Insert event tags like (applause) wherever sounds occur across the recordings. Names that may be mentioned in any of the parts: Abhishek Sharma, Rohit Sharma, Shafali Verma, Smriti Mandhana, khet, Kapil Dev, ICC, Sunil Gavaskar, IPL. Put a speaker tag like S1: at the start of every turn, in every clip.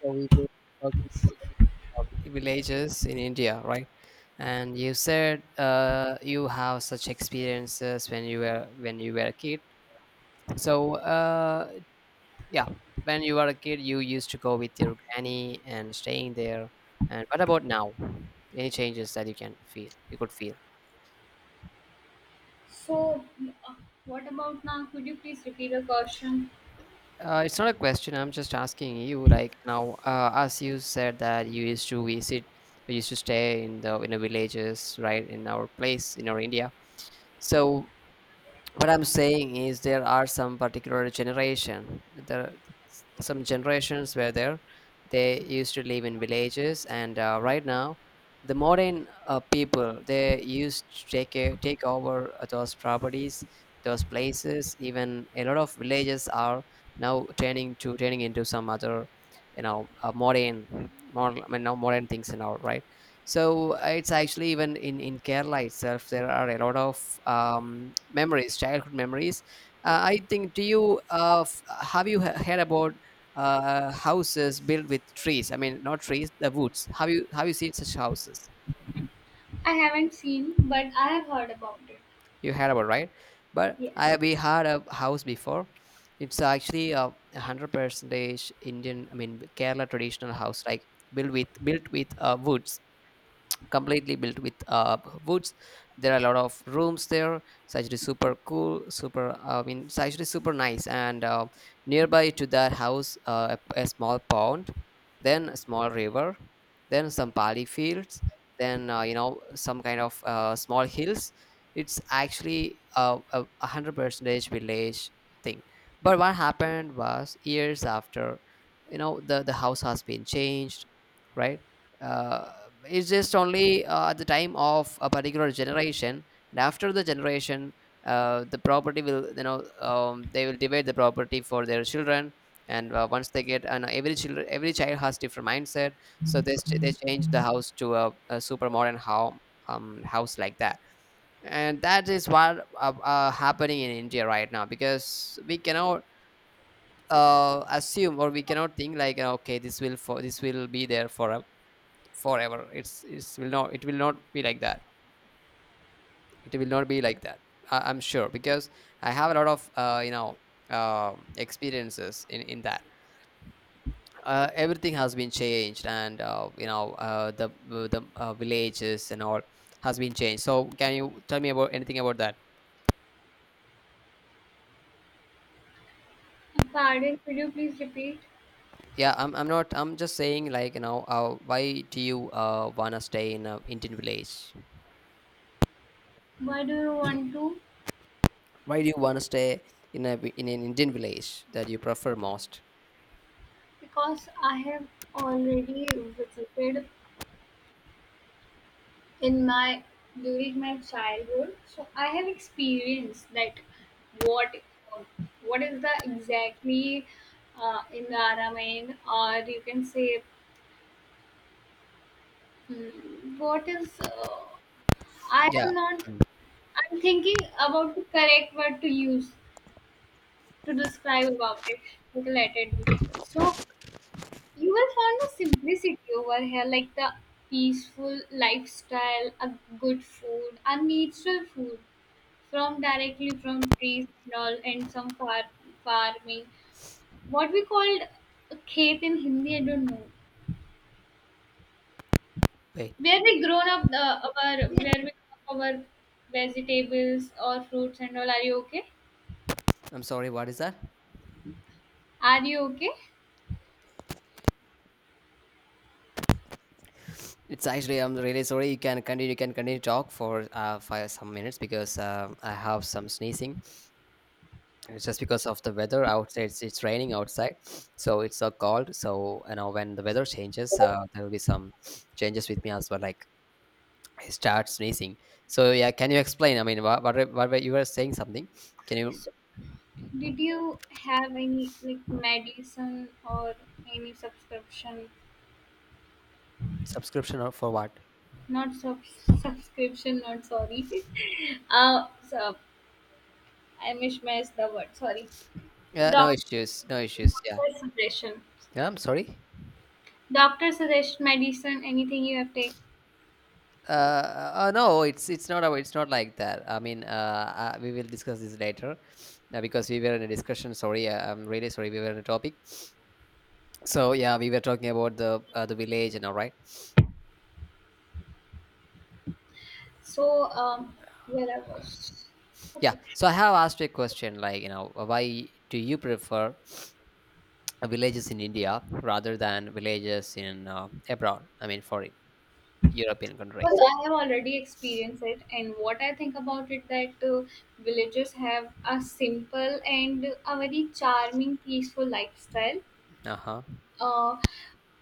S1: So we were talking about villages in India, right? And you said you have such experiences when you were a kid. So yeah, when you were a kid, you used to go with your granny and staying there. And what about now? Any changes that you can feel? You could feel.
S2: So, uh, what about now? Could you please repeat the question?
S1: It's not a question. I'm just asking you. Like now, as you said that you used to visit, you used to stay in the villages, right? In our place, in our India. So what I'm saying is there are some particular generation. There are some generations where there they used to live in villages. And right now the modern people, they used to take over those properties, those places. Even a lot of villages are now turning into some other you know uh, modern modern, I mean, now modern things and all, right? So it's actually, even in Kerala itself, there are a lot of memories childhood memories. I think, do you have you heard about houses built with trees? I mean, not trees, the woods. Have you seen such houses?
S2: I haven't seen, but I have heard about it.
S1: You heard about, right? But
S2: Yes.
S1: I we had a house before. It's actually a 100 percentage Indian, I mean, Kerala traditional house, like built with woods. Completely built with woods. There are a lot of rooms there. It's actually super cool, super, I mean, it's actually super nice. And nearby to that house, a small pond, then a small river, then some paddy fields, then some kind of small hills. It's actually a 100 percentage village thing. But what happened was, years after, the house has been changed, right? uh, it's just only at the time of a particular generation, and after the generation, the property, will you know they will divide the property for their children. And once they get, and every child has different mindset. So they change the house to a super modern home house, like that. And that is what happening in India right now, because we cannot assume or we cannot think like, okay, this will, for this will be there for forever. It's will not it will not be like that. It will not be like that. I'm sure, because I have a lot of experiences in that. Everything has been changed, and the villages and all has been changed. So can you tell me about anything about that?
S2: Pardon, could you please repeat?
S1: Yeah, I'm not, I'm just saying, like, why do you wanna stay in a Indian village?
S2: Why do you want to?
S1: Why do you wanna stay in a in an Indian village that you prefer most?
S2: Because I have already visited in my during my childhood, so I have experienced that what what is the exactly environment, or you can say hmm, what is I
S1: Yeah,
S2: am not I'm thinking about the correct word to use to describe about it. But let related. So you will find the simplicity over here, like the peaceful lifestyle, a good food, a natural food from directly from trees and all, and some farming. What we called a khet in Hindi, I don't know.
S1: wait.
S2: Where we grown up our vegetables or fruits and all. Are you okay?
S1: I'm sorry, what is that?
S2: Are you okay?
S1: It's actually, I'm really sorry. You can continue to talk for some minutes because I have some sneezing. It's, just because of the weather outside. It's, raining outside, so it's so cold. So you know, when the weather changes, there will be some changes with me as well. Like, I start sneezing. So yeah, can you explain? I mean, what were you were saying something? Can you,
S2: Did you have any like medicine or any subscription?
S1: subscription or for what?
S2: Not sub- subscription, not Sorry. (laughs) uh, so I mismatched the word. Sorry.
S1: Yeah, no
S2: Doc-
S1: issues, no issues. Yeah,
S2: Doctor suggestion.
S1: yeah. I'm sorry.
S2: Doctor suggest medicine. Anything you have take.
S1: Uh, no, it's, not it's not like that. I mean, we will discuss this later, because we were in a discussion. Sorry, I'm really sorry. We were in a topic. So yeah, we were talking about the village and all, right?
S2: So um, where I was.
S1: Yeah.
S2: Okay.
S1: So I have asked you a question, like, why do you prefer villages in India rather than villages in abroad? I mean, foreign European countries.
S2: Because I have already experienced it, and what I think about it that villages have a simple and a very charming, peaceful lifestyle
S1: Uh huh.
S2: uh,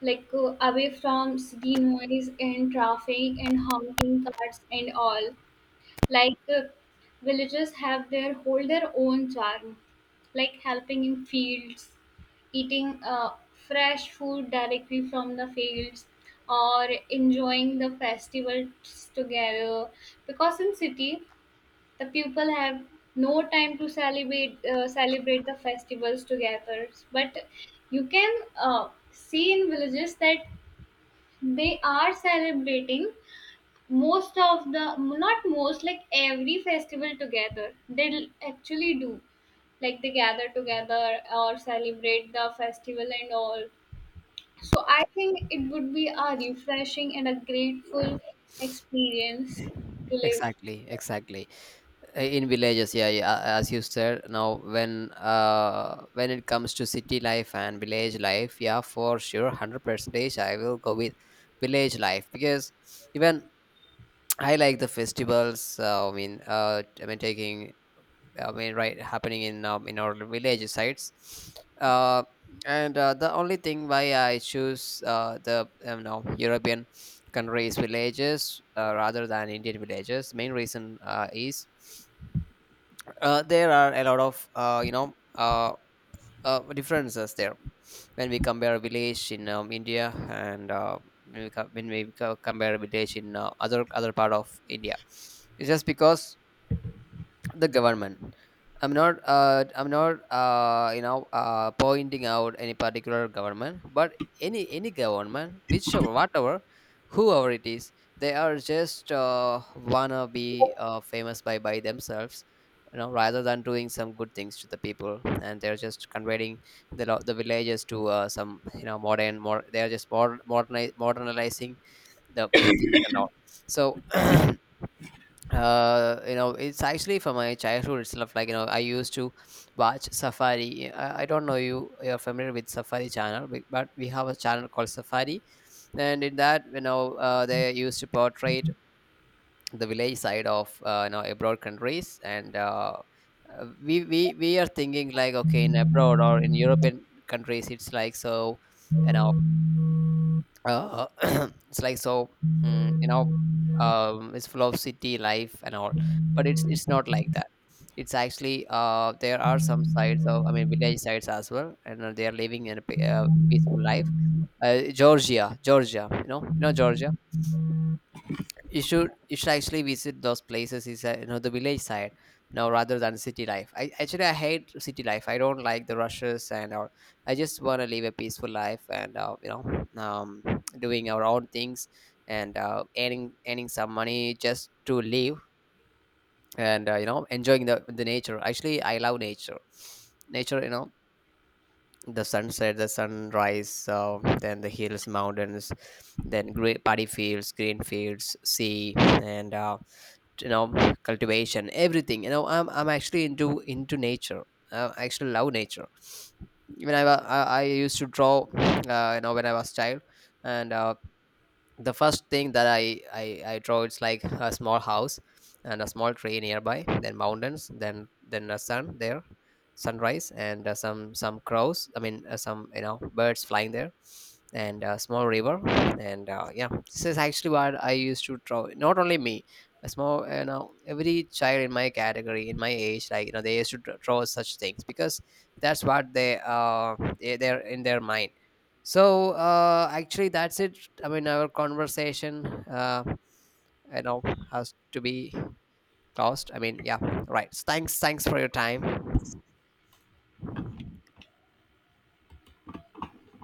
S2: away from city noise and traffic and honking cars and all. Like uh, Villages have their hold their own charm, like helping in fields, eating fresh food directly from the fields, or enjoying the festivals together. Because in city the people have no time to celebrate the festivals together. But you can see in villages that they are celebrating most of the not most like every festival together. Actually do like they gather together or celebrate the festival and all. So I think it would be a refreshing and a grateful experience to live.
S1: Exactly. Exactly. In villages, yeah, yeah, as you said, now when when it comes to city life and village life, yeah, for sure, 100 percentage I will go with village life. Because even I like the festivals, I mean, I mean, taking, I mean, right, happening in our village sites. uh and the only thing why I choose the no, European countries villages, rather than Indian villages, main reason is, there are a lot of differences there, when we compare village in India, and when compare village in other part of India. It's just because the government, I'm not pointing out any particular government, but any government, whichever, whatever, whoever it is, they are just wanna be famous by themselves, you know, rather than doing some good things to the people. And they're just converting the villages to some, modern, more, they are just more modernizing the things and all. So (clears throat) you know, it's actually from my childhood itself, like, you know, I used to watch Safari. I don't know, you're familiar with Safari channel, but we have a channel called Safari. And in that, they used to portray the village side of abroad countries. And we are thinking like, okay, in abroad or in European countries, it's like, so, you know uh, (clears throat) it's like, so, you know, it's full of city life and all. But it's not like that. It's actually, there are some sides of, I mean, village sides as well. And they are living in a peaceful life. Georgia, you know Georgia. You should actually visit those places. Is You know, the village side, now, rather than city life. I actually, I hate city life. I don't like the rushes and all. I just want to live a peaceful life. And um, doing our own things. And earning some money just to live. And enjoying the nature. Actually, I love nature. Nature, you know, the sunset, the sunrise, then the hills, mountains, then great paddy fields, green fields, sea, and you know cultivation, everything. You know, I'm actually into nature. I actually love nature. When I, wa- I used to draw, when I was child. And the first thing that I draw, it's like a small house and a small tree nearby, then mountains, then a sun there, sunrise, and some crows, I mean, some, birds flying there, and a small river, and yeah, this is actually what I used to draw. Not only me, a small every child in my category, in my age, like, you know, they used to draw such things, because that's what they're in their mind. So actually, that's it. I mean, our conversation, you know, has to be closed. I mean, yeah, right. Thanks, thanks for your time.